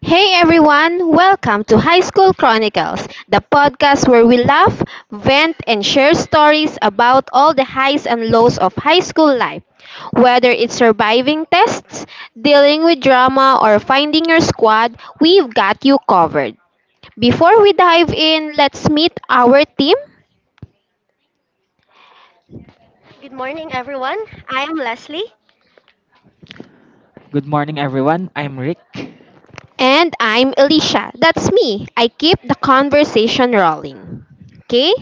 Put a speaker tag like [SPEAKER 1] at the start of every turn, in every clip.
[SPEAKER 1] Hey everyone, welcome to High School Chronicles, the podcast where we laugh, vent, and share stories about all the highs and lows of high school life. Whether it's surviving tests, dealing with drama, or finding your squad, we've got you covered. Before we dive in, let's meet our team.
[SPEAKER 2] Good morning, everyone. I am Leslie.
[SPEAKER 3] Good morning, everyone. I'm Rick.
[SPEAKER 1] And I'm Alicia. That's me. I keep the conversation rolling. Okay?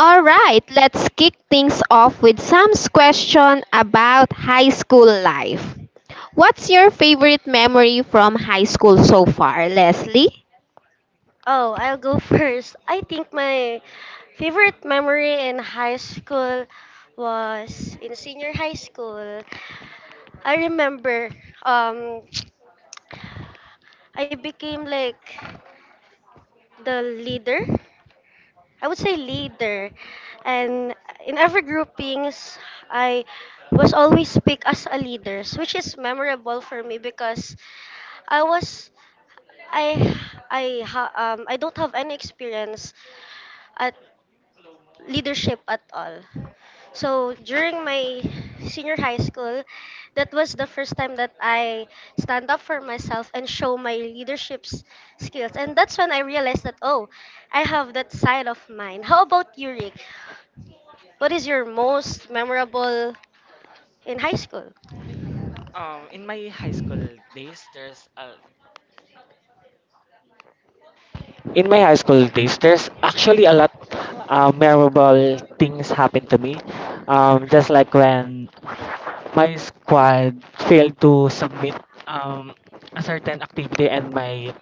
[SPEAKER 1] All right, let's kick things off with Sam's question about high school life. What's your favorite memory from high school so far, Leslie?
[SPEAKER 2] Oh, I'll go first. I think my favorite memory in high school was in senior high school. I remember um, I became like the leader. I would say leader. And in every groupings, I was always picked as a leader, which is memorable for me because I was I I ha, I don't have any experience at leadership at all. So during my senior high school, that was the first time that I stand up for myself and show my leadership skills. And that's when I realized that oh, I have that side of mine. How about you, Rick? What is your most memorable in high school?
[SPEAKER 3] In my high school days, there's a in my high school days, there's actually a lot memorable things happened to me. Just like when my squad failed to submit um, a certain activity, and my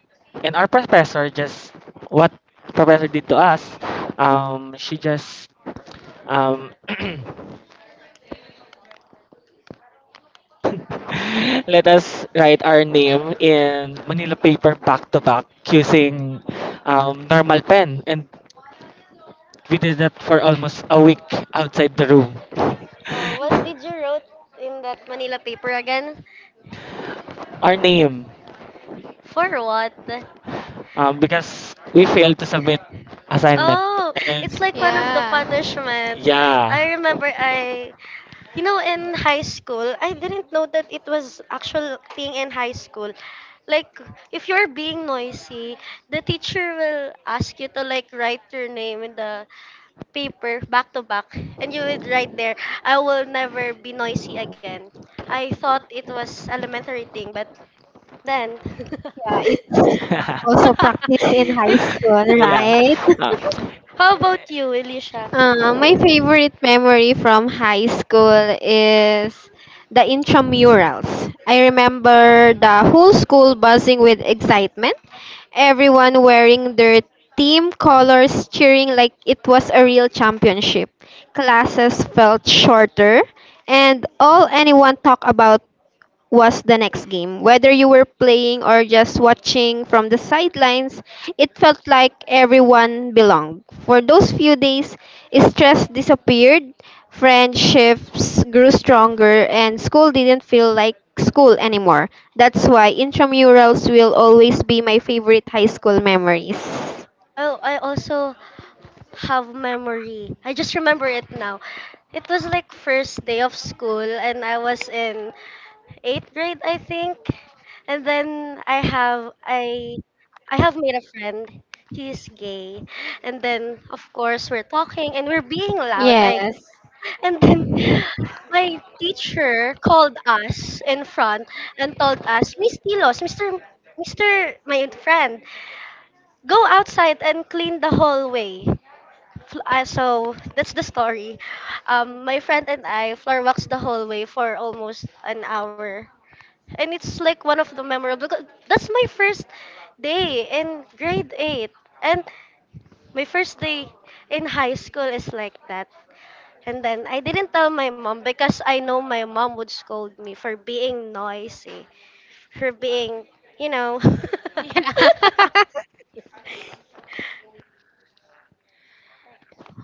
[SPEAKER 3] and our professor just what professor did to us, she just um, let us write our name in Manila paper back to back using normal pen. And we did that for almost a week outside the room.
[SPEAKER 2] Oh, what did you wrote in that Manila paper again?
[SPEAKER 3] Our name,
[SPEAKER 2] For what?
[SPEAKER 3] because we failed to submit assignment.
[SPEAKER 2] Oh,
[SPEAKER 3] And
[SPEAKER 2] it's like one of the
[SPEAKER 1] Yeah.
[SPEAKER 2] punishment.
[SPEAKER 3] yeah.
[SPEAKER 2] I remember you know, in high school, I didn't know that it was actual thing in high school. Like, if you're being noisy, the teacher will ask you to like write your name in the paper back to back, and you would write there, "I will never be noisy again." I thought it was elementary thing, but then,
[SPEAKER 1] Yeah, it's also practice in high
[SPEAKER 2] it's.
[SPEAKER 1] school,
[SPEAKER 3] Yeah.
[SPEAKER 1] right?
[SPEAKER 3] Uh,
[SPEAKER 2] How about you, Elisha?
[SPEAKER 1] My favorite memory from high school is the intramurals. I remember the whole school buzzing with excitement, everyone wearing their team colors, cheering like it was a real championship. Classes felt shorter, and all anyone talked about was the next game. Whether you were playing or just watching from the sidelines, it felt like everyone belonged. For those few days, stress disappeared, friendships grew stronger, and school didn't feel like school anymore. That's why intramurals will always be my favorite high school memories.
[SPEAKER 2] Oh, I also have memory. I just remember it now. It was like first day of school and I was in 8th grade, I think. And then I have made a friend. He's gay. And then of course we're talking and we're being loud. Like
[SPEAKER 1] Yes.
[SPEAKER 2] and then my teacher called us in front and told us, Miss Tilos, Mr. my friend, go outside and clean the hallway. So that's the story. My friend and I floor walks the hallway for almost an hour, and it's like one of the memorable. Because that's my first day in grade eight, and my first day in high school is like that. And then I didn't tell my mom because I know my mom would scold me for being noisy, for being, you know,
[SPEAKER 1] Yeah.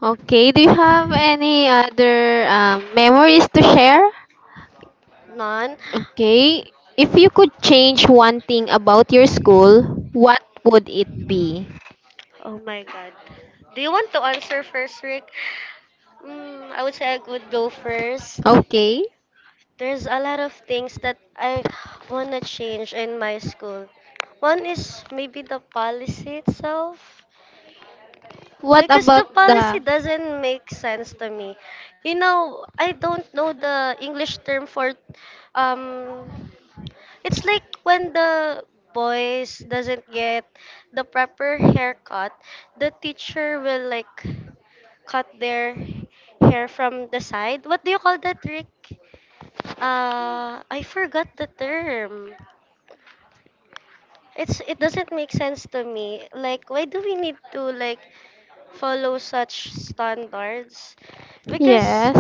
[SPEAKER 1] Okay, do you have any other memories to share?
[SPEAKER 2] non.
[SPEAKER 1] Okay. If you could change one thing about your school, what would it be?
[SPEAKER 2] Oh my god. Do you want to answer first, Rick? I would say I would go first.
[SPEAKER 1] Okay.
[SPEAKER 2] There's a lot of things that I wanna change in my school. One is maybe the policy itself.
[SPEAKER 1] What
[SPEAKER 2] Because the
[SPEAKER 1] about
[SPEAKER 2] policy
[SPEAKER 1] the
[SPEAKER 2] doesn't make sense to me. You know, I don't know the English term for um it's like when the boys doesn't get the proper haircut, the teacher will like cut their hair from the side. What do you call that trick? I forgot the term. It's it doesn't make sense to me. Like why do we need to like follow such standards? Because
[SPEAKER 1] yes.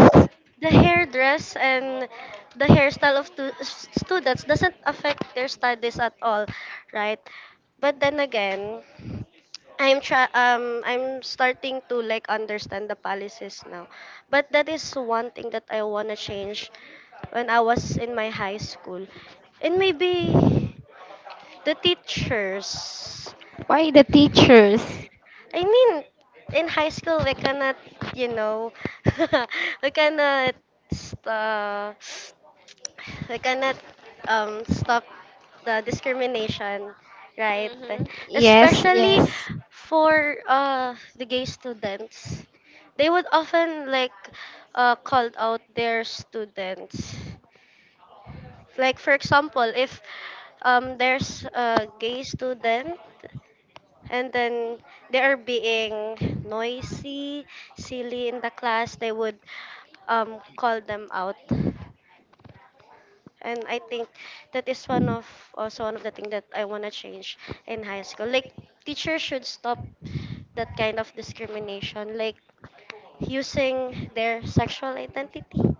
[SPEAKER 2] the hairdress and the hairstyle of students doesn't affect their studies at all, right? But then again, I'm starting to like understand the policies now. But that is one thing that I want to change when I was in my high school. And maybe the teachers.
[SPEAKER 1] Why the teachers?
[SPEAKER 2] I mean, in high school we cannot, you know, we cannot uh, we cannot stop the discrimination, right?
[SPEAKER 1] Yes,
[SPEAKER 2] Especially
[SPEAKER 1] yes.
[SPEAKER 2] for the gay students. They would often like called out their students. Like for example, if there's a gay student and then they are being noisy, silly in the class, they would call them out and I think that is one of the things that I want to change in high school. Like teachers should stop that kind of discrimination, like using their sexual identity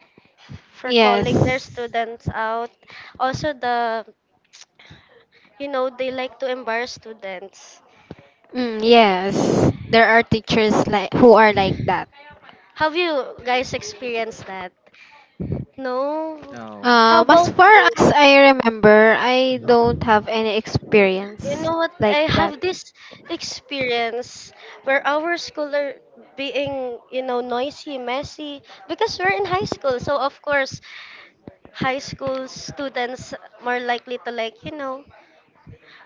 [SPEAKER 2] for calling their
[SPEAKER 1] Yes.
[SPEAKER 2] students out. Also the you know they like to embarrass students.
[SPEAKER 1] Mm, yes. There are teachers like who are like that.
[SPEAKER 2] Have you guys experienced that? No. How
[SPEAKER 1] As
[SPEAKER 2] about
[SPEAKER 1] far
[SPEAKER 2] you?
[SPEAKER 1] as I remember, I don't have any
[SPEAKER 2] You
[SPEAKER 1] experience
[SPEAKER 2] know what?
[SPEAKER 1] like
[SPEAKER 2] I
[SPEAKER 1] that.
[SPEAKER 2] have this experience where our school are being, you know, noisy, messy because we're in high school. So of course, high school students more likely to like, you know.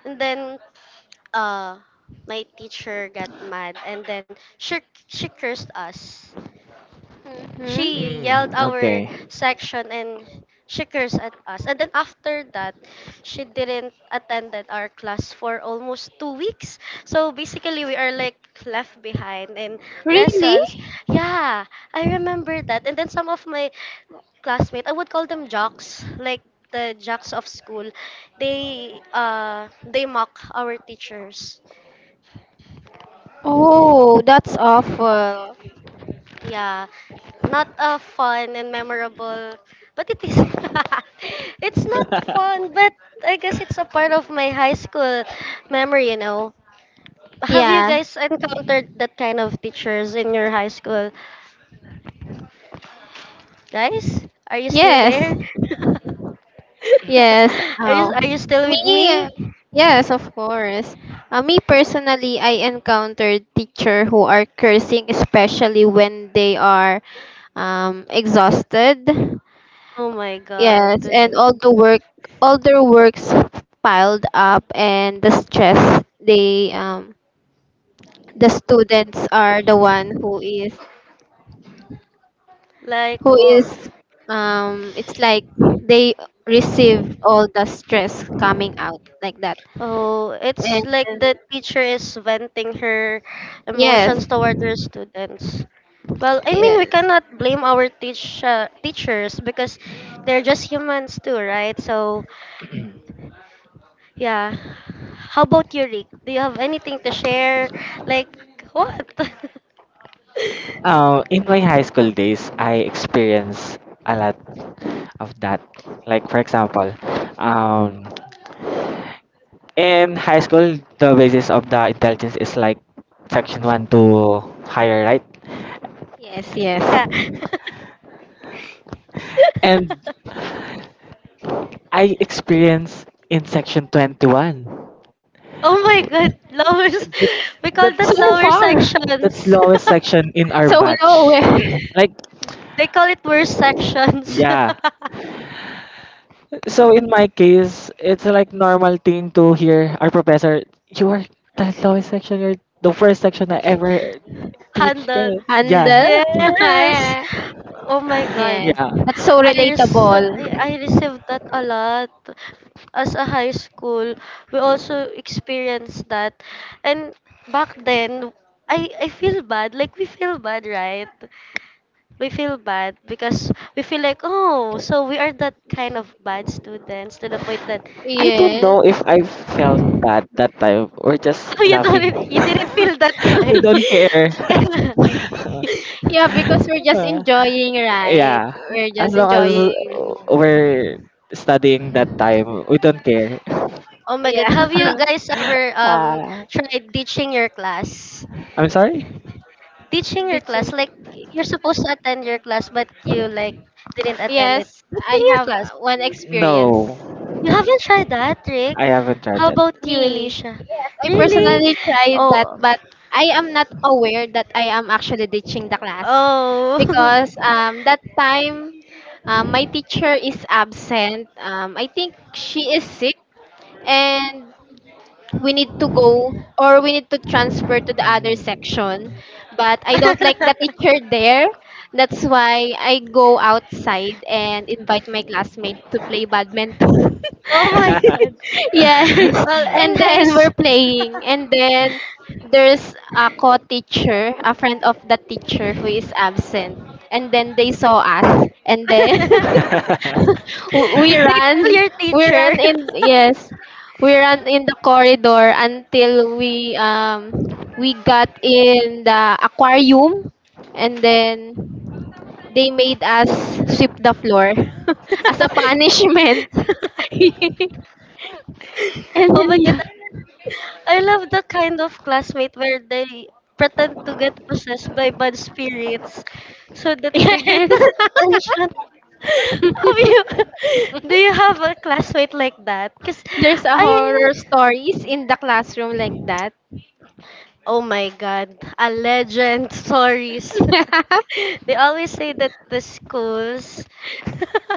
[SPEAKER 2] And then uh my teacher got mad and then she cursed us. She
[SPEAKER 1] Mm-hmm.
[SPEAKER 2] yelled
[SPEAKER 3] mm,
[SPEAKER 2] our
[SPEAKER 3] okay.
[SPEAKER 2] section and she cursed at us. And then after that, she didn't attended our class for almost two weeks. So basically, we are like left behind in
[SPEAKER 1] Really?
[SPEAKER 2] lessons. Yeah, I remember that. And then some of my classmates, I would call them jocks, like the jocks of school. They mock our teachers.
[SPEAKER 1] Oh, that's awful.
[SPEAKER 2] Yeah, not a fun and memorable, but it is. it's not fun, but I guess it's a part of my high school memory, you know. Have you
[SPEAKER 1] Yeah.
[SPEAKER 2] guys encountered that kind of teachers in your high school? Guys, are you still
[SPEAKER 1] Yes.
[SPEAKER 2] there?
[SPEAKER 1] Yes.
[SPEAKER 2] are you
[SPEAKER 1] Oh.
[SPEAKER 2] are you still with
[SPEAKER 1] Me,
[SPEAKER 2] me?
[SPEAKER 1] yes, of course. Me personally, I encountered teacher who are cursing, especially when they are exhausted.
[SPEAKER 2] Oh my
[SPEAKER 1] Yes,
[SPEAKER 2] god.
[SPEAKER 1] and all the work, all their works piled up, and the stress they the students are the one
[SPEAKER 2] Like
[SPEAKER 1] who
[SPEAKER 2] oh,
[SPEAKER 1] is it's like they receive all the stress coming out like that
[SPEAKER 2] oh, it's
[SPEAKER 1] and
[SPEAKER 2] like the teacher is venting her
[SPEAKER 1] yes,
[SPEAKER 2] emotions toward her students. Well, I mean, we
[SPEAKER 1] yes,
[SPEAKER 2] cannot blame our teachers because they're just humans too, right? So, yeah. How about you, Rick? Do you have anything to share? Like, what?
[SPEAKER 3] In my high school days, I experienced a lot of that. Like, for example, um, in high school, the basis of the intelligence is like section 1 to higher, right?
[SPEAKER 1] yes, yes,
[SPEAKER 2] yeah.
[SPEAKER 3] And I experienced in section 21.
[SPEAKER 2] oh my god, lowers.
[SPEAKER 3] That's
[SPEAKER 2] We call
[SPEAKER 3] that's
[SPEAKER 2] that
[SPEAKER 1] so
[SPEAKER 2] lower
[SPEAKER 3] uh,
[SPEAKER 1] far,
[SPEAKER 3] that's
[SPEAKER 2] sections.
[SPEAKER 3] lowest section in our
[SPEAKER 1] so low.
[SPEAKER 3] batch. Like,
[SPEAKER 2] they call it worse sections.
[SPEAKER 3] yeah. So in my case, it's like normal thing to hear our professor, you are the lowest section, you're the first section I ever teach.
[SPEAKER 2] Handled.
[SPEAKER 3] Yeah.
[SPEAKER 1] Handle.
[SPEAKER 3] Mm,
[SPEAKER 2] Yes.
[SPEAKER 1] Yeah,
[SPEAKER 2] Oh my God.
[SPEAKER 1] yeah,
[SPEAKER 3] yeah.
[SPEAKER 1] that's so
[SPEAKER 2] I res-
[SPEAKER 1] relatable.
[SPEAKER 2] I received that a lot as a high school. We also experienced that. And back then, I feel bad. Like we feel bad, right? We feel bad because we feel like, oh, so we are that kind of bad students to the point that
[SPEAKER 3] I don't
[SPEAKER 1] Yes,
[SPEAKER 3] know if I felt bad that time. We're
[SPEAKER 2] oh,
[SPEAKER 3] just
[SPEAKER 2] you
[SPEAKER 3] laughing.
[SPEAKER 2] don't you didn't feel that
[SPEAKER 3] We
[SPEAKER 2] way.
[SPEAKER 3] don't care.
[SPEAKER 1] yeah, because we're just
[SPEAKER 3] Uh,
[SPEAKER 2] I
[SPEAKER 1] enjoying, right?
[SPEAKER 3] yeah.
[SPEAKER 2] guess-
[SPEAKER 1] We're
[SPEAKER 3] As
[SPEAKER 1] just
[SPEAKER 3] long as
[SPEAKER 1] enjoying.
[SPEAKER 3] we're studying that time, we don't care.
[SPEAKER 2] Oh my god,
[SPEAKER 1] Yeah.
[SPEAKER 2] have you guys ever
[SPEAKER 3] Ah.
[SPEAKER 2] tried teaching your class?
[SPEAKER 3] I'm sorry?
[SPEAKER 2] Teaching your
[SPEAKER 1] Did
[SPEAKER 2] class,
[SPEAKER 1] you?
[SPEAKER 2] like you're supposed to attend your class, but you like didn't attend it.
[SPEAKER 1] Yes, I
[SPEAKER 2] Teaching your
[SPEAKER 1] have
[SPEAKER 2] class.
[SPEAKER 1] one experience.
[SPEAKER 3] No,
[SPEAKER 2] You haven't tried that, Rick?
[SPEAKER 3] I haven't tried
[SPEAKER 2] How
[SPEAKER 3] that.
[SPEAKER 2] about you,
[SPEAKER 1] Me,
[SPEAKER 2] Alicia?
[SPEAKER 1] yes, I
[SPEAKER 2] Really?
[SPEAKER 1] personally tried that,
[SPEAKER 2] Oh.
[SPEAKER 1] but I am not aware that I am actually ditching the class
[SPEAKER 2] Oh.
[SPEAKER 1] because that time, my teacher is absent. I think she is sick, and we need to go or we need to transfer to the other
[SPEAKER 3] Mm.
[SPEAKER 1] section, but I don't like the teacher there. That's why I go outside and invite my classmate to play badminton.
[SPEAKER 2] Oh my god.
[SPEAKER 1] Yes,
[SPEAKER 2] Well, in
[SPEAKER 1] and
[SPEAKER 2] high
[SPEAKER 1] then
[SPEAKER 2] school,
[SPEAKER 1] we're playing and then there's a co-teacher, a friend of the teacher who is absent, and then they saw us and then we
[SPEAKER 2] did they tell
[SPEAKER 1] run
[SPEAKER 2] your
[SPEAKER 1] we
[SPEAKER 2] teacher?
[SPEAKER 1] run in, yes, we ran in the corridor until we we got in the aquarium and then they made us sweep the floor as a punishment. And
[SPEAKER 2] oh
[SPEAKER 1] then
[SPEAKER 2] my god,
[SPEAKER 1] yeah.
[SPEAKER 2] I love that kind of classmate where they pretend to get possessed by bad spirits so that they get
[SPEAKER 1] Yes.
[SPEAKER 2] attention. Have you, do you have a classmate like that? Because
[SPEAKER 1] There's a horror
[SPEAKER 2] I,
[SPEAKER 1] stories in the classroom like that.
[SPEAKER 2] oh my god, a legend, stories. they always say that the schools.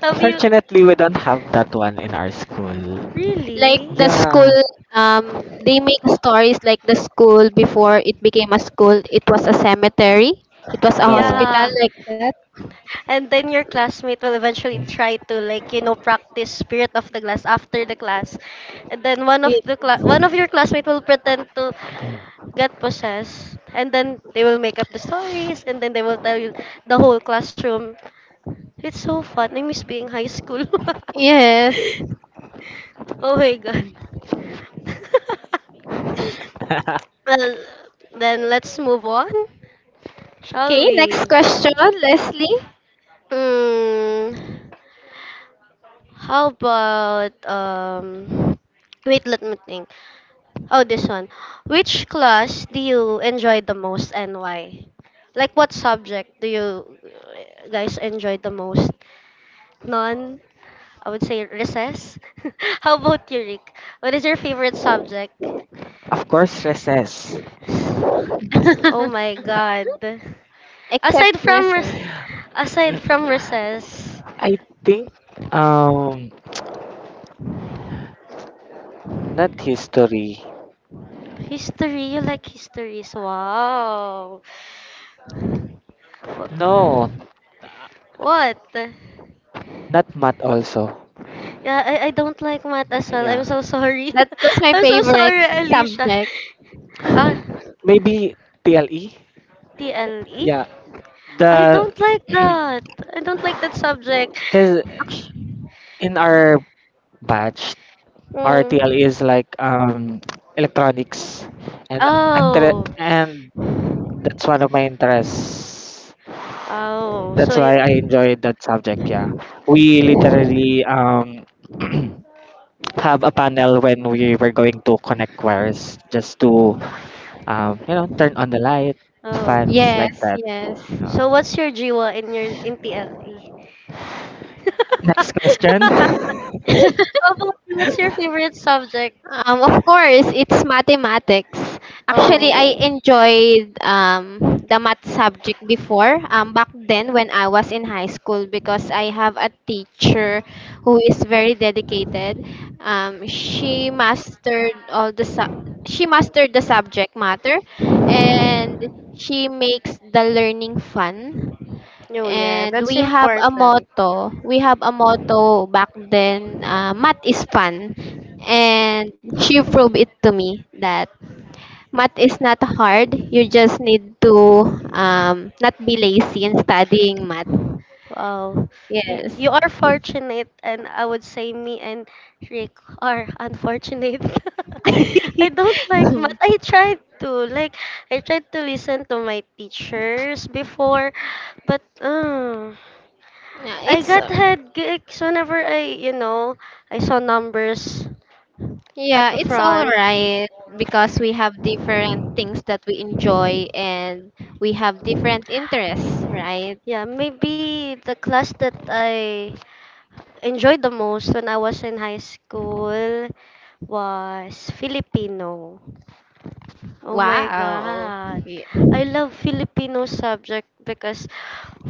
[SPEAKER 2] have you,
[SPEAKER 3] Fortunately, we don't have that one in our school.
[SPEAKER 1] Like
[SPEAKER 2] really?
[SPEAKER 1] the
[SPEAKER 3] Yeah,
[SPEAKER 1] school, they make stories like the school before it became a school, it was a cemetery, it was a
[SPEAKER 3] no.
[SPEAKER 1] hospital
[SPEAKER 2] Yeah.
[SPEAKER 1] like that.
[SPEAKER 2] And then your classmate will eventually try to like, you know, practice spirit of the class after the class. And then one of
[SPEAKER 1] It-
[SPEAKER 2] the cla- one of your classmate will pretend to get possessed and then they will make up the stories and then they will tell you the whole classroom. It's so fun. I miss being high school.
[SPEAKER 1] yes.
[SPEAKER 2] oh my god. well, then let's move on, shall
[SPEAKER 1] Okay, next
[SPEAKER 2] we?
[SPEAKER 1] question, Leslie.
[SPEAKER 2] Mm. How about let me think. Oh, this one. Which class do you enjoy the most and why? Like what subject do you guys enjoy the most? None. I would say recess. How about you, Rick? What is your favorite subject?
[SPEAKER 3] Of course, recess.
[SPEAKER 2] S- Oh my god.
[SPEAKER 1] Except
[SPEAKER 2] Aside from
[SPEAKER 1] recess.
[SPEAKER 2] rec- aside from recess,
[SPEAKER 3] I think um not history.
[SPEAKER 2] history, you like histories. Wow.
[SPEAKER 3] No,
[SPEAKER 2] Wha- What?
[SPEAKER 3] not math also.
[SPEAKER 2] Yeah, I don't like math as well. I'm
[SPEAKER 3] Yeah.
[SPEAKER 2] so sorry.
[SPEAKER 1] That was my
[SPEAKER 2] I'm so
[SPEAKER 1] favorite
[SPEAKER 2] sorry, Alicia.
[SPEAKER 1] subject.
[SPEAKER 2] Ah,
[SPEAKER 3] Maybe TLE.
[SPEAKER 2] TLE?
[SPEAKER 3] Yeah.
[SPEAKER 2] I
[SPEAKER 3] The
[SPEAKER 2] don't like that. I don't like that subject.
[SPEAKER 3] cuz in our batch our TLE is
[SPEAKER 2] Hmm.
[SPEAKER 3] like electronics and I'm tre-
[SPEAKER 2] Oh.
[SPEAKER 3] and that's one of my interests.
[SPEAKER 2] Oh. So
[SPEAKER 3] That's
[SPEAKER 2] you
[SPEAKER 3] why I enjoyed that subject, yeah. We literally have a panel when we were going to connect wires just to turn on the light,
[SPEAKER 2] Oh.
[SPEAKER 3] fans like
[SPEAKER 1] Yes,
[SPEAKER 3] that.
[SPEAKER 1] yes.
[SPEAKER 2] So
[SPEAKER 3] Uh,
[SPEAKER 2] what's your jiwa in your in TLE?
[SPEAKER 3] next question.
[SPEAKER 2] Oh, what's your favorite subject?
[SPEAKER 1] Of course, it's mathematics. Actually,
[SPEAKER 2] Oh.
[SPEAKER 1] I enjoyed the math subject before, back then when I was in high school, because I have a teacher who is very dedicated. Um, she mastered all the su- she mastered the subject matter, and she makes the learning fun.
[SPEAKER 2] Oh yeah,
[SPEAKER 1] And
[SPEAKER 2] that's
[SPEAKER 1] we have a
[SPEAKER 2] important.
[SPEAKER 1] motto. We have a motto back then, math is fun. And she proved it to me that math is not hard. You just need to not be lazy in studying math.
[SPEAKER 2] Wow, you
[SPEAKER 1] Yes.
[SPEAKER 2] are fortunate, and I would say me and Rick are unfortunate. I don't like math. I tried to listen to my teachers before, but
[SPEAKER 1] Yeah,
[SPEAKER 2] I
[SPEAKER 1] it's
[SPEAKER 2] got head gigs whenever I you know I saw numbers at
[SPEAKER 1] yeah,
[SPEAKER 2] the
[SPEAKER 1] it's all
[SPEAKER 2] front.
[SPEAKER 1] right because we have different things that we enjoy and we have different interests, right?
[SPEAKER 2] Yeah, maybe the class that I enjoyed the most when I was in high school was Filipino. Oh my
[SPEAKER 1] Wow.
[SPEAKER 2] God.
[SPEAKER 1] Yeah.
[SPEAKER 2] I love Filipino subject because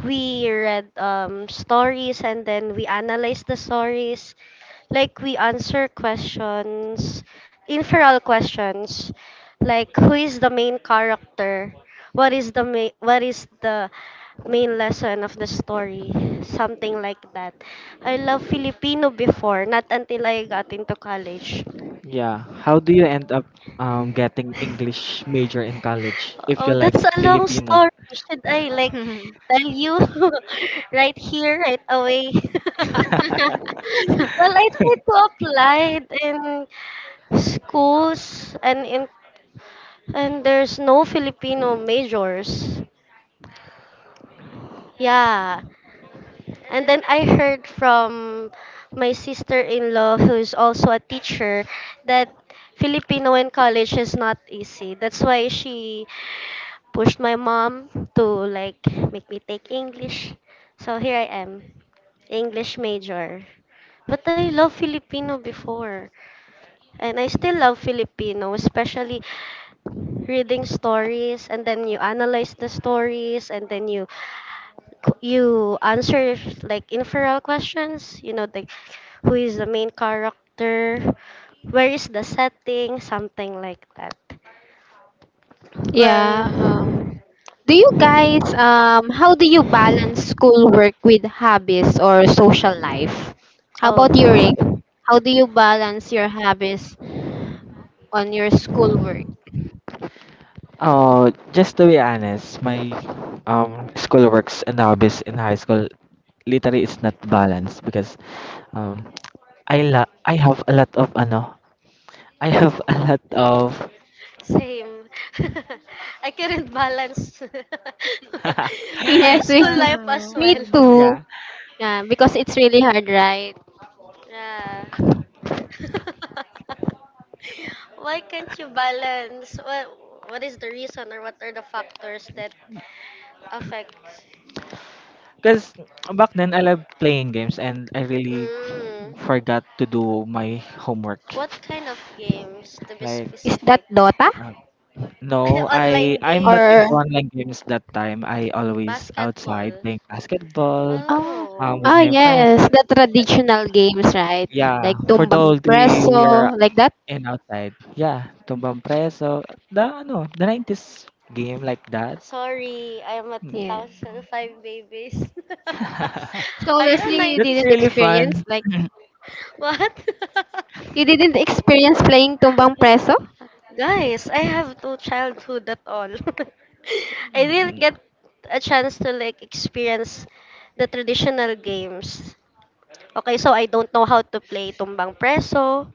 [SPEAKER 2] we read stories and then we analyze the stories. Like we answer questions, inferal questions. Like who is the main character? What is the main lesson of the story? Something like that. I love Filipino before, not until I got into college.
[SPEAKER 3] Yeah, how do you end up getting English major in college if you
[SPEAKER 2] Oh,
[SPEAKER 3] like
[SPEAKER 2] that's a long
[SPEAKER 3] Filipino?
[SPEAKER 2] story. Should I like tell you right here, right away? well, I tried to apply in schools and there's no Filipino majors. Yeah. And then I heard from my sister-in-law, who's also a teacher, that Filipino in college is not easy. That's why she pushed my mom to like make me take English. So here I am, English major. But I love Filipino before. And I still love Filipino, especially reading stories and then you analyze the stories and then you answer like inferral questions you know like who is the main character where is the setting something like that
[SPEAKER 1] Yeah.
[SPEAKER 2] well
[SPEAKER 1] Do you guys how do you balance schoolwork with hobbies or social life? How about you, Rick?
[SPEAKER 2] oh
[SPEAKER 1] How do you balance your hobbies on your schoolwork?
[SPEAKER 3] Oh, just to be honest, my school works and hobbies in high school literally is not balanced because um I la I have a lot of ano I have a lot of.
[SPEAKER 2] same I couldn't balance my
[SPEAKER 1] Yes, we,
[SPEAKER 2] school life as
[SPEAKER 1] me
[SPEAKER 2] well
[SPEAKER 1] too.
[SPEAKER 3] Yeah.
[SPEAKER 1] Yeah, because it's really hard, right?
[SPEAKER 2] yeah why can't you balance what is the reason or what are the factors that affect
[SPEAKER 3] Because back then, I love playing games and I really
[SPEAKER 2] mm.
[SPEAKER 3] forgot to do my homework.
[SPEAKER 2] What kind of games, to be
[SPEAKER 3] Like,
[SPEAKER 1] Is that
[SPEAKER 2] specific?
[SPEAKER 1] Dota
[SPEAKER 3] um, no, I
[SPEAKER 2] Online
[SPEAKER 3] I'm not
[SPEAKER 1] or?
[SPEAKER 3] into
[SPEAKER 2] games,
[SPEAKER 3] online games that time. I always outside
[SPEAKER 2] basketball.
[SPEAKER 3] playing basketball
[SPEAKER 1] Oh,
[SPEAKER 2] Oh,
[SPEAKER 3] with
[SPEAKER 1] oh
[SPEAKER 3] my
[SPEAKER 1] yes, the
[SPEAKER 3] friends.
[SPEAKER 1] traditional games, right?
[SPEAKER 3] Yeah,
[SPEAKER 1] Like
[SPEAKER 3] for the whole
[SPEAKER 1] tumbang
[SPEAKER 3] day we are
[SPEAKER 1] preso, like that.
[SPEAKER 3] in outside. Yeah, tumbang preso. The 90s game like that.
[SPEAKER 2] sorry. I'm a
[SPEAKER 3] Mm.
[SPEAKER 1] Yeah.
[SPEAKER 2] 2005 babies.
[SPEAKER 1] So
[SPEAKER 2] Are you a
[SPEAKER 1] Leslie,
[SPEAKER 3] That's
[SPEAKER 2] 90s?
[SPEAKER 3] really fun.
[SPEAKER 2] What?
[SPEAKER 1] you didn't experience playing tumbang preso?
[SPEAKER 2] Guys, I have no childhood at all. I didn't
[SPEAKER 3] Mm,
[SPEAKER 2] get a chance to like experience the traditional games. Okay, so I don't know how to play tumbang preso.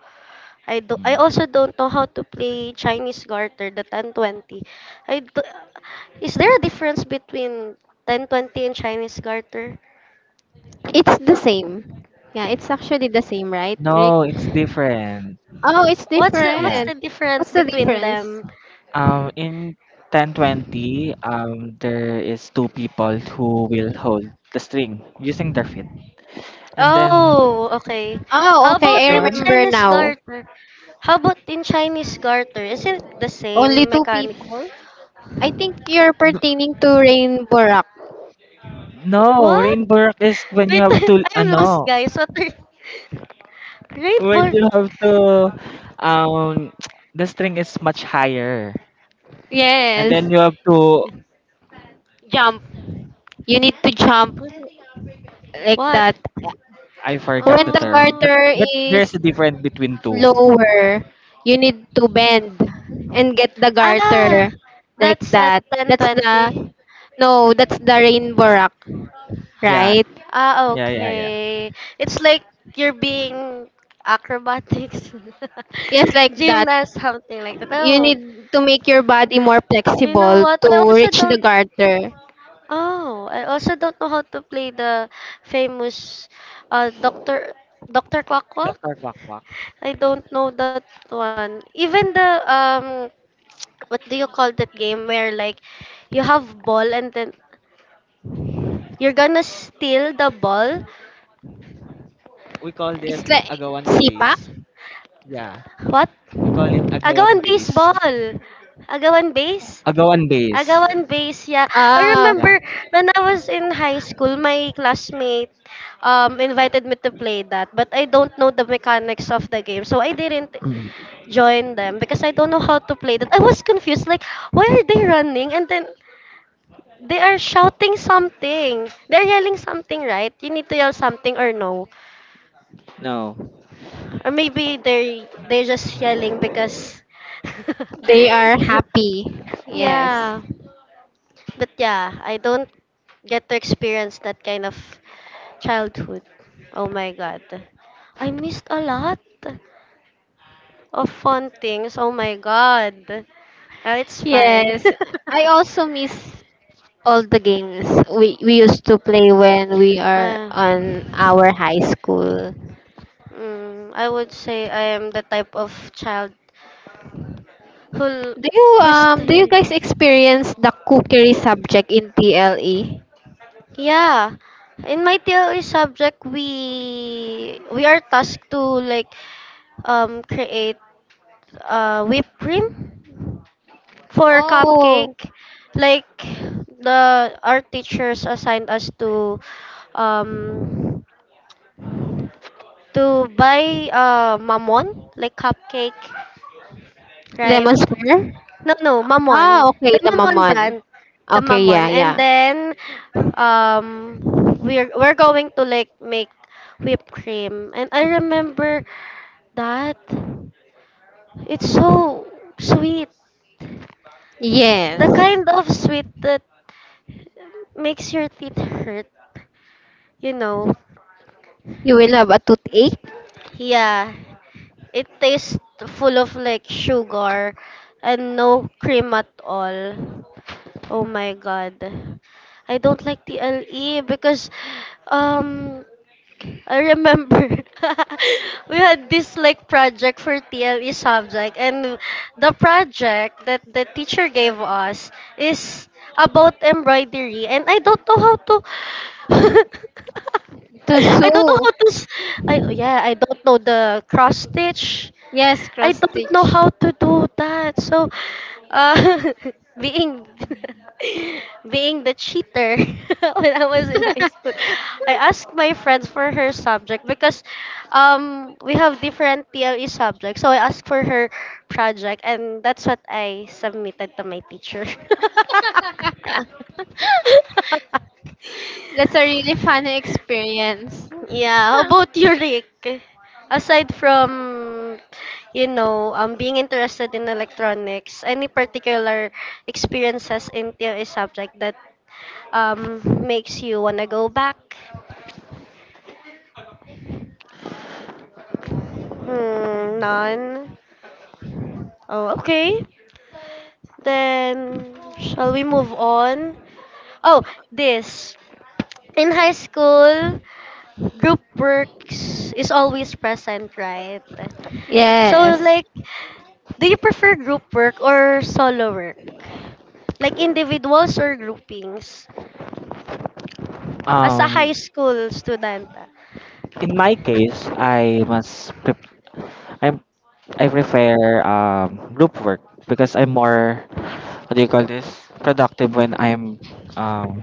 [SPEAKER 2] I
[SPEAKER 3] mm.
[SPEAKER 2] also don't know how to play Chinese garter, the 1020. I do, is there a difference between 1020 and Chinese garter?
[SPEAKER 1] It's the same. Yeah, it's actually the same, right, Rick?
[SPEAKER 3] No, it's different.
[SPEAKER 1] Oh, it's
[SPEAKER 2] What's the what's
[SPEAKER 3] Yeah.
[SPEAKER 2] the
[SPEAKER 1] different.
[SPEAKER 2] difference
[SPEAKER 1] What's the
[SPEAKER 2] between
[SPEAKER 1] difference?
[SPEAKER 2] them?
[SPEAKER 3] In 1020, there is two people who will hold the string using their feet. And then
[SPEAKER 2] Oh, okay.
[SPEAKER 1] Oh,
[SPEAKER 2] How
[SPEAKER 3] the
[SPEAKER 2] about
[SPEAKER 1] okay, I
[SPEAKER 3] other
[SPEAKER 2] in
[SPEAKER 3] one?
[SPEAKER 1] remember
[SPEAKER 2] Chinese
[SPEAKER 1] now.
[SPEAKER 2] garter? How about in Chinese garter? Is it the
[SPEAKER 1] Only
[SPEAKER 2] same
[SPEAKER 1] two
[SPEAKER 2] mechanic?
[SPEAKER 1] people. I think you're
[SPEAKER 3] N-
[SPEAKER 1] pertaining to Rainbow Rock.
[SPEAKER 3] No,
[SPEAKER 2] What?
[SPEAKER 3] rainbow rock is when you
[SPEAKER 2] Wait,
[SPEAKER 3] have to
[SPEAKER 2] I'm lost, guys. What are
[SPEAKER 3] when
[SPEAKER 2] rainbow?
[SPEAKER 3] you have to um the string is much higher. And then
[SPEAKER 1] Yes.
[SPEAKER 3] you have to.
[SPEAKER 1] Jump. You need to jump like
[SPEAKER 2] What?
[SPEAKER 1] that.
[SPEAKER 3] I forgot
[SPEAKER 1] When
[SPEAKER 3] the
[SPEAKER 1] the
[SPEAKER 3] term, but
[SPEAKER 2] Oh.
[SPEAKER 1] garter
[SPEAKER 3] there's
[SPEAKER 1] is
[SPEAKER 3] a difference between two.
[SPEAKER 1] lower, you need to bend and get the
[SPEAKER 2] Ah,
[SPEAKER 1] garter like
[SPEAKER 2] that's at
[SPEAKER 1] that. That's the
[SPEAKER 2] 10:20.
[SPEAKER 1] no, that's the rainbow rock,
[SPEAKER 3] Yeah,
[SPEAKER 1] right?
[SPEAKER 2] Ah,
[SPEAKER 3] yeah, yeah, yeah.
[SPEAKER 2] okay. It's like you're being acrobatics,
[SPEAKER 1] Yes, like that.
[SPEAKER 2] gymnast, something like that.
[SPEAKER 1] You
[SPEAKER 2] Oh,
[SPEAKER 1] need to make your body more
[SPEAKER 2] you know
[SPEAKER 1] flexible
[SPEAKER 2] what? I
[SPEAKER 1] to
[SPEAKER 2] also
[SPEAKER 1] reach the
[SPEAKER 2] don't.
[SPEAKER 1] garter.
[SPEAKER 2] Oh, I also don't know how to play the famous, uh, Doctor Doctor Quack Quack.
[SPEAKER 3] Doctor Quack Quack.
[SPEAKER 2] I don't know that one. Even the what do you call that game where like you have ball and then you're gonna steal the ball?
[SPEAKER 3] We called it
[SPEAKER 1] It's like
[SPEAKER 3] agawan
[SPEAKER 1] sipa.
[SPEAKER 3] base. Yeah.
[SPEAKER 2] What?
[SPEAKER 3] We call it
[SPEAKER 2] Agawan
[SPEAKER 3] agawan base.
[SPEAKER 2] baseball. Agawan base?
[SPEAKER 3] Agawan base.
[SPEAKER 2] Agawan base, yeah. I
[SPEAKER 1] Ah,
[SPEAKER 2] remember
[SPEAKER 3] Yeah.
[SPEAKER 2] when I was in high school, my classmate invited me to play that, but I don't know the mechanics of the game, so I didn't
[SPEAKER 3] Mm.
[SPEAKER 2] join them because I don't know how to play that. I was confused, like why are they running? And then they are shouting something. They're yelling something, right? You need to yell something or no.
[SPEAKER 3] No.
[SPEAKER 2] Or maybe they're just yelling because
[SPEAKER 1] they are happy. Yes.
[SPEAKER 2] Yeah. But yeah, I don't get to experience that kind of childhood. Oh my god. I missed a lot of fun things. Oh my god. It's fine.
[SPEAKER 1] Yes. I also miss all the games we, we used to play when we are
[SPEAKER 2] uh,
[SPEAKER 1] on our high school.
[SPEAKER 2] I would say I am the type of child whole
[SPEAKER 1] Do you
[SPEAKER 2] who's
[SPEAKER 1] um do you
[SPEAKER 2] theory?
[SPEAKER 1] guys experience the cookery subject in TLE?
[SPEAKER 2] Yeah. In my theory subject we are tasked to like create whipped cream for
[SPEAKER 1] Oh,
[SPEAKER 2] cupcake. Like the our teachers assigned us um to buy mamon like cupcake, right?
[SPEAKER 1] lemon square?
[SPEAKER 2] No, no, Mamon.
[SPEAKER 1] Ah,
[SPEAKER 2] Ah, Mamon.
[SPEAKER 1] okay,
[SPEAKER 2] The okay.
[SPEAKER 1] the
[SPEAKER 2] Mamon
[SPEAKER 1] mamon.
[SPEAKER 2] brand, the
[SPEAKER 1] Okay,
[SPEAKER 2] Mamon.
[SPEAKER 1] yeah,
[SPEAKER 2] And
[SPEAKER 1] yeah.
[SPEAKER 2] then um we're going to like make whipped cream. And I remember that it's so sweet.
[SPEAKER 1] Yes.
[SPEAKER 2] The kind of sweet that makes your teeth hurt, you know.
[SPEAKER 1] You will have a toothache.
[SPEAKER 2] Yeah, it tastes full of like sugar and no cream at all. Oh my god. I don't like TLE because um I remember we had this like project for TLE subject and the project that the teacher gave us is about embroidery and I don't know how to
[SPEAKER 1] To
[SPEAKER 2] I don't know
[SPEAKER 1] sew.
[SPEAKER 2] how to I yeah, I don't know the cross stitch.
[SPEAKER 1] Yes,
[SPEAKER 2] I
[SPEAKER 1] cross
[SPEAKER 2] don't know
[SPEAKER 1] stitch.
[SPEAKER 2] how to do that. So, uh, being being the cheater when I was in high school, I asked my friends for her subject because we have different TLE subjects. So I asked for her project, and that's what I submitted to my teacher.
[SPEAKER 1] That's a really fun experience.
[SPEAKER 2] Yeah, how about you, Rick? Aside from, you know, being interested in electronics, any particular experiences in TLA subject that makes you wanna go back? Hmm, none. Oh, okay. Then shall we move on? Oh, this. In high school, group works is always present, right? So,
[SPEAKER 1] Yes.
[SPEAKER 2] like, do you prefer group work or solo work? Like individuals or groupings? As a high
[SPEAKER 3] Um,
[SPEAKER 2] school student, ah,
[SPEAKER 3] in my case, I I prefer group work because I'm more, what do you call this, productive when I'm um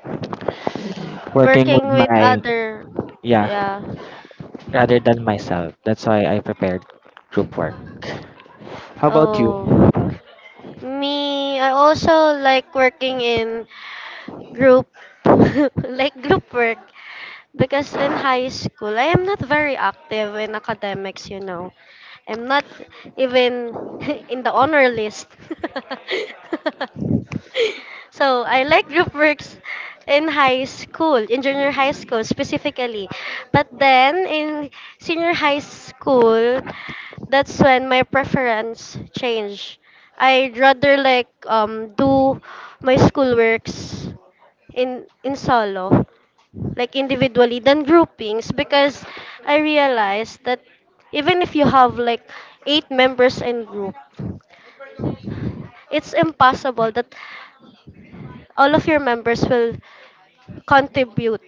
[SPEAKER 3] working with
[SPEAKER 2] working with
[SPEAKER 3] my
[SPEAKER 2] other,
[SPEAKER 3] yeah,
[SPEAKER 2] yeah.
[SPEAKER 3] rather than myself. That's why I prepared group work. How about you?
[SPEAKER 2] Oh, me, I also like working in group, like group work. Because in high school, I am not very active in academics, you know. I'm not even in the honor list. So I like group works in high school, in junior high school specifically. But then in senior high school, that's when my preference changed. I'd rather like do my schoolworks in solo like individually than groupings because I realized that even if you have like eight members in group, it's impossible that all of your members will contribute,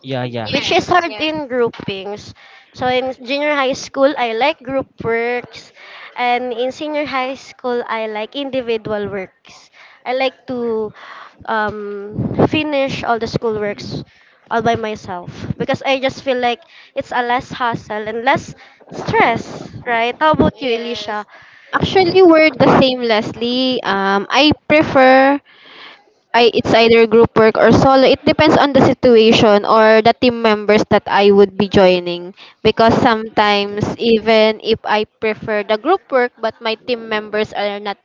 [SPEAKER 3] Yeah, yeah.
[SPEAKER 2] which is
[SPEAKER 1] Yes,
[SPEAKER 2] hard
[SPEAKER 1] yes.
[SPEAKER 2] in groupings. So in junior high school, I like group works, and in senior high school, I like individual works. I like to um, finish all the school works all by myself because I just feel like it's a less hassle and less stress, right? How about you,
[SPEAKER 1] Yes.
[SPEAKER 2] Alicia?
[SPEAKER 1] Actually, we're the same, Leslie. Um, I it's either group work or solo. It depends on the situation or the team members that I would be joining. Because sometimes even if I prefer the group work, but my team members are not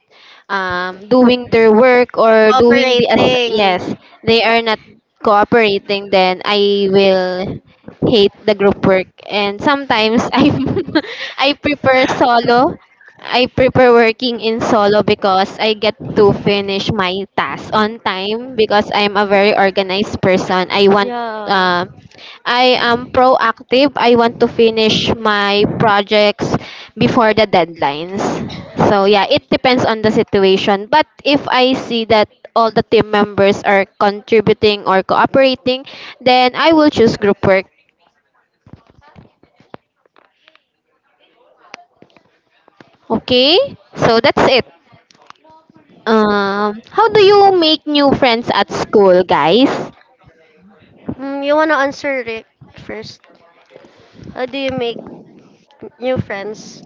[SPEAKER 1] doing their work or doing the as
[SPEAKER 2] Cooperating.
[SPEAKER 1] yes, they are not cooperating. Then I will hate the group work. And sometimes I prefer solo. I prefer working in solo because I get to finish my tasks on time because I'm a very organized person. I want
[SPEAKER 2] Yeah.
[SPEAKER 1] uh, I am proactive. I want to finish my projects before the deadlines. So yeah, it depends on the situation. But if I see that all the team members are contributing or cooperating, then I will choose group work. Okay? So that's it. How do you make new friends at school, guys?
[SPEAKER 2] Mm, you wanna answer Rick first? How do you make new friends?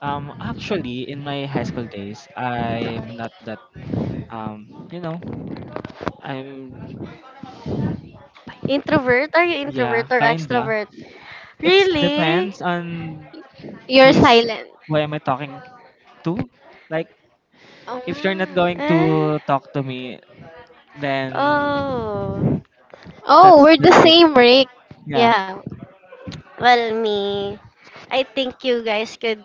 [SPEAKER 3] Actually, in my high school days, I'm not that you know I'm
[SPEAKER 2] Introvert? Are you
[SPEAKER 3] yeah,
[SPEAKER 2] introvert or
[SPEAKER 3] kinda.
[SPEAKER 2] extrovert?
[SPEAKER 3] It
[SPEAKER 2] Really?
[SPEAKER 3] depends on
[SPEAKER 1] You're
[SPEAKER 3] who is
[SPEAKER 1] silent.
[SPEAKER 3] who am I talking to. Like, if you're not
[SPEAKER 1] Um,
[SPEAKER 3] going
[SPEAKER 2] Eh?
[SPEAKER 3] to talk to me, then
[SPEAKER 2] Oh.
[SPEAKER 1] oh,
[SPEAKER 3] that's
[SPEAKER 1] we're the
[SPEAKER 3] that's it.
[SPEAKER 1] same, Rick.
[SPEAKER 3] Yeah.
[SPEAKER 1] Yeah.
[SPEAKER 2] Well, me. I think you guys could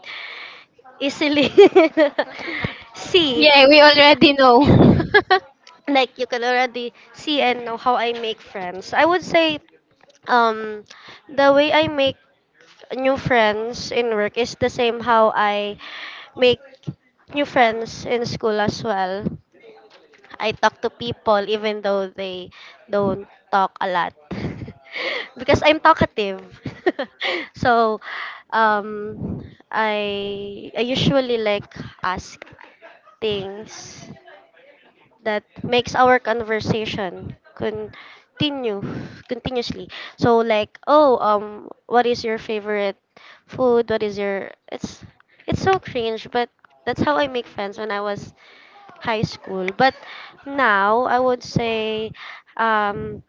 [SPEAKER 2] easily see.
[SPEAKER 1] Yeah, we already know.
[SPEAKER 2] Like you can already see and know how I make friends. I would say um the way I make new friends in work is the same how I make new friends in school as well. I talk to people even though they don't talk a lot because I'm talkative. So um I usually like ask things that makes our conversation continue continuously. So like, oh, what is your favorite food? What is your? It's so cringe, but that's how I make friends when I was high school. But now I would say, um,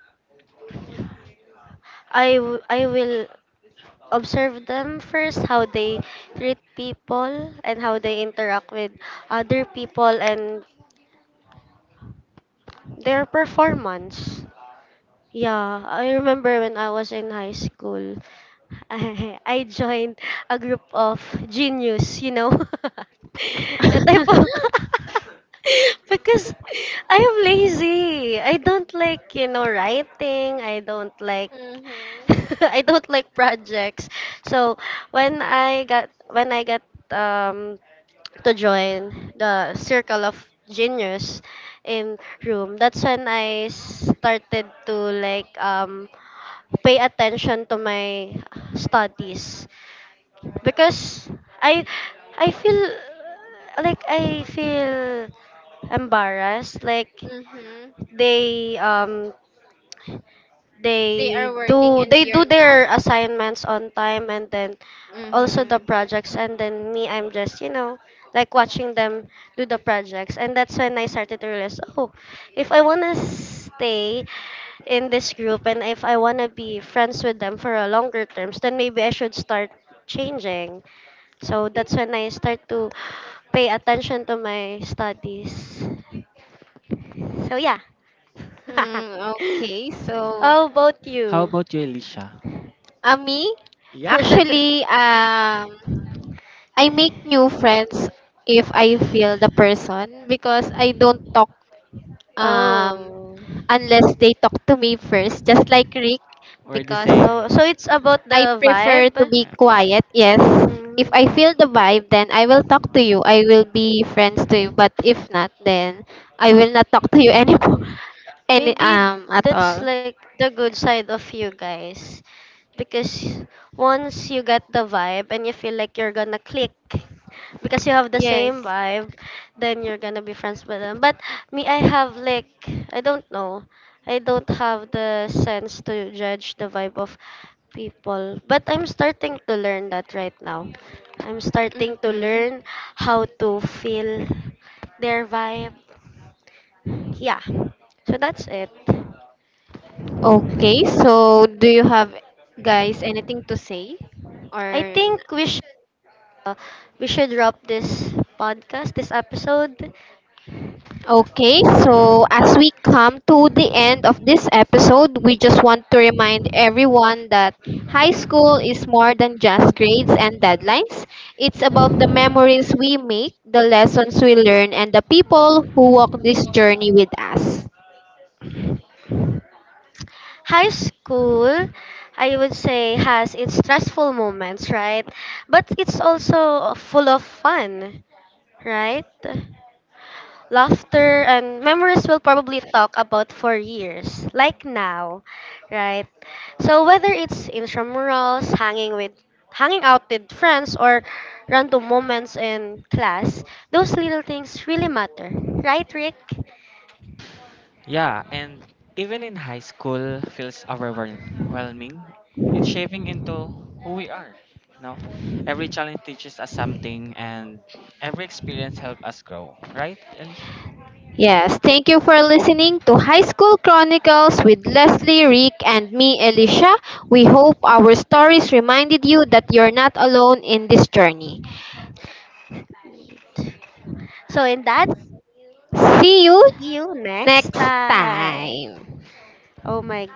[SPEAKER 2] I will observe them first how they treat people and how they interact with other people and their performance. Yeah, I remember when I was in high school, I joined a group of genius, you know. A type of because I am lazy. I don't like, you know, writing. I don't like
[SPEAKER 1] Mhm.
[SPEAKER 2] I don't like projects. So when I got um to join the circle of genius in room, that's when I started to like pay attention to my studies because i I feel like I feel embarrassed like
[SPEAKER 1] Mhm.
[SPEAKER 2] they
[SPEAKER 1] They
[SPEAKER 2] they
[SPEAKER 1] are working
[SPEAKER 2] do
[SPEAKER 1] and
[SPEAKER 2] they
[SPEAKER 1] you're
[SPEAKER 2] do
[SPEAKER 1] not.
[SPEAKER 2] their assignments on time and then also the
[SPEAKER 1] Mhm.
[SPEAKER 2] projects and then me I'm just you know like watching them do the projects, and that's when I started to realize oh if I want to stay in this group and if I want to be friends with them for a longer terms, then maybe I should start changing. So that's when I start to pay attention to my studies, so yeah.
[SPEAKER 1] Hmm, okay, so
[SPEAKER 2] How about
[SPEAKER 3] How
[SPEAKER 2] you?
[SPEAKER 3] about you, Alicia?
[SPEAKER 1] Me?
[SPEAKER 3] Yeah.
[SPEAKER 1] Actually, I make new friends if I feel the person because I don't talk um,
[SPEAKER 2] Oh.
[SPEAKER 1] unless they talk to me first, just like Rick,
[SPEAKER 3] We're the
[SPEAKER 1] because
[SPEAKER 3] same.
[SPEAKER 2] Oh, so it's about
[SPEAKER 1] I
[SPEAKER 2] the
[SPEAKER 1] prefer
[SPEAKER 2] vibe.
[SPEAKER 1] to be
[SPEAKER 3] Yeah.
[SPEAKER 1] quiet. Yes, if I feel the vibe, then I will talk to you. I will be friends to you. But if not, then I will not talk to you anymore,
[SPEAKER 2] Mm.
[SPEAKER 1] any
[SPEAKER 2] Maybe
[SPEAKER 1] at
[SPEAKER 2] that's
[SPEAKER 1] all.
[SPEAKER 2] like the good side of you guys. Because once you get the vibe and you feel like you're gonna click because you have the
[SPEAKER 1] Yes.
[SPEAKER 2] same vibe, then you're gonna be friends with them. But me, I have like, I don't know. I don't have the sense to judge the vibe of people. But I'm starting to learn that right now. I'm starting to
[SPEAKER 1] Mm-hmm.
[SPEAKER 2] learn how to feel their vibe. Yeah. So that's it.
[SPEAKER 1] Okay, so do you have guys anything to say or
[SPEAKER 2] I
[SPEAKER 1] n-
[SPEAKER 2] think uh, we should wrap this podcast, this episode.
[SPEAKER 1] Okay, so as we come to the end of this episode, we just want to remind everyone that high school is more than just grades and deadlines. It's about the memories we make, the lessons we learn, and the people who walk this journey with us.
[SPEAKER 2] High school, I would say, has its stressful moments, right? But it's also full of fun, right? Laughter and memories will probably talk about for years, like now, right? So whether it's intramurals, hanging out with friends or random moments in class, those little things really matter. Right, Rick?
[SPEAKER 3] Yeah, and even in high school feels overwhelming. It's shaping into who we are. No, every challenge teaches us something, and every experience helps us grow. Right, Alicia?
[SPEAKER 1] Yes, thank you for listening to High School Chronicles with Leslie, Rick, and me, Alicia. We hope our stories reminded you that you're not alone in this journey.
[SPEAKER 2] So in that
[SPEAKER 1] See you
[SPEAKER 2] see you next
[SPEAKER 1] next
[SPEAKER 2] time.
[SPEAKER 1] time.
[SPEAKER 2] Oh my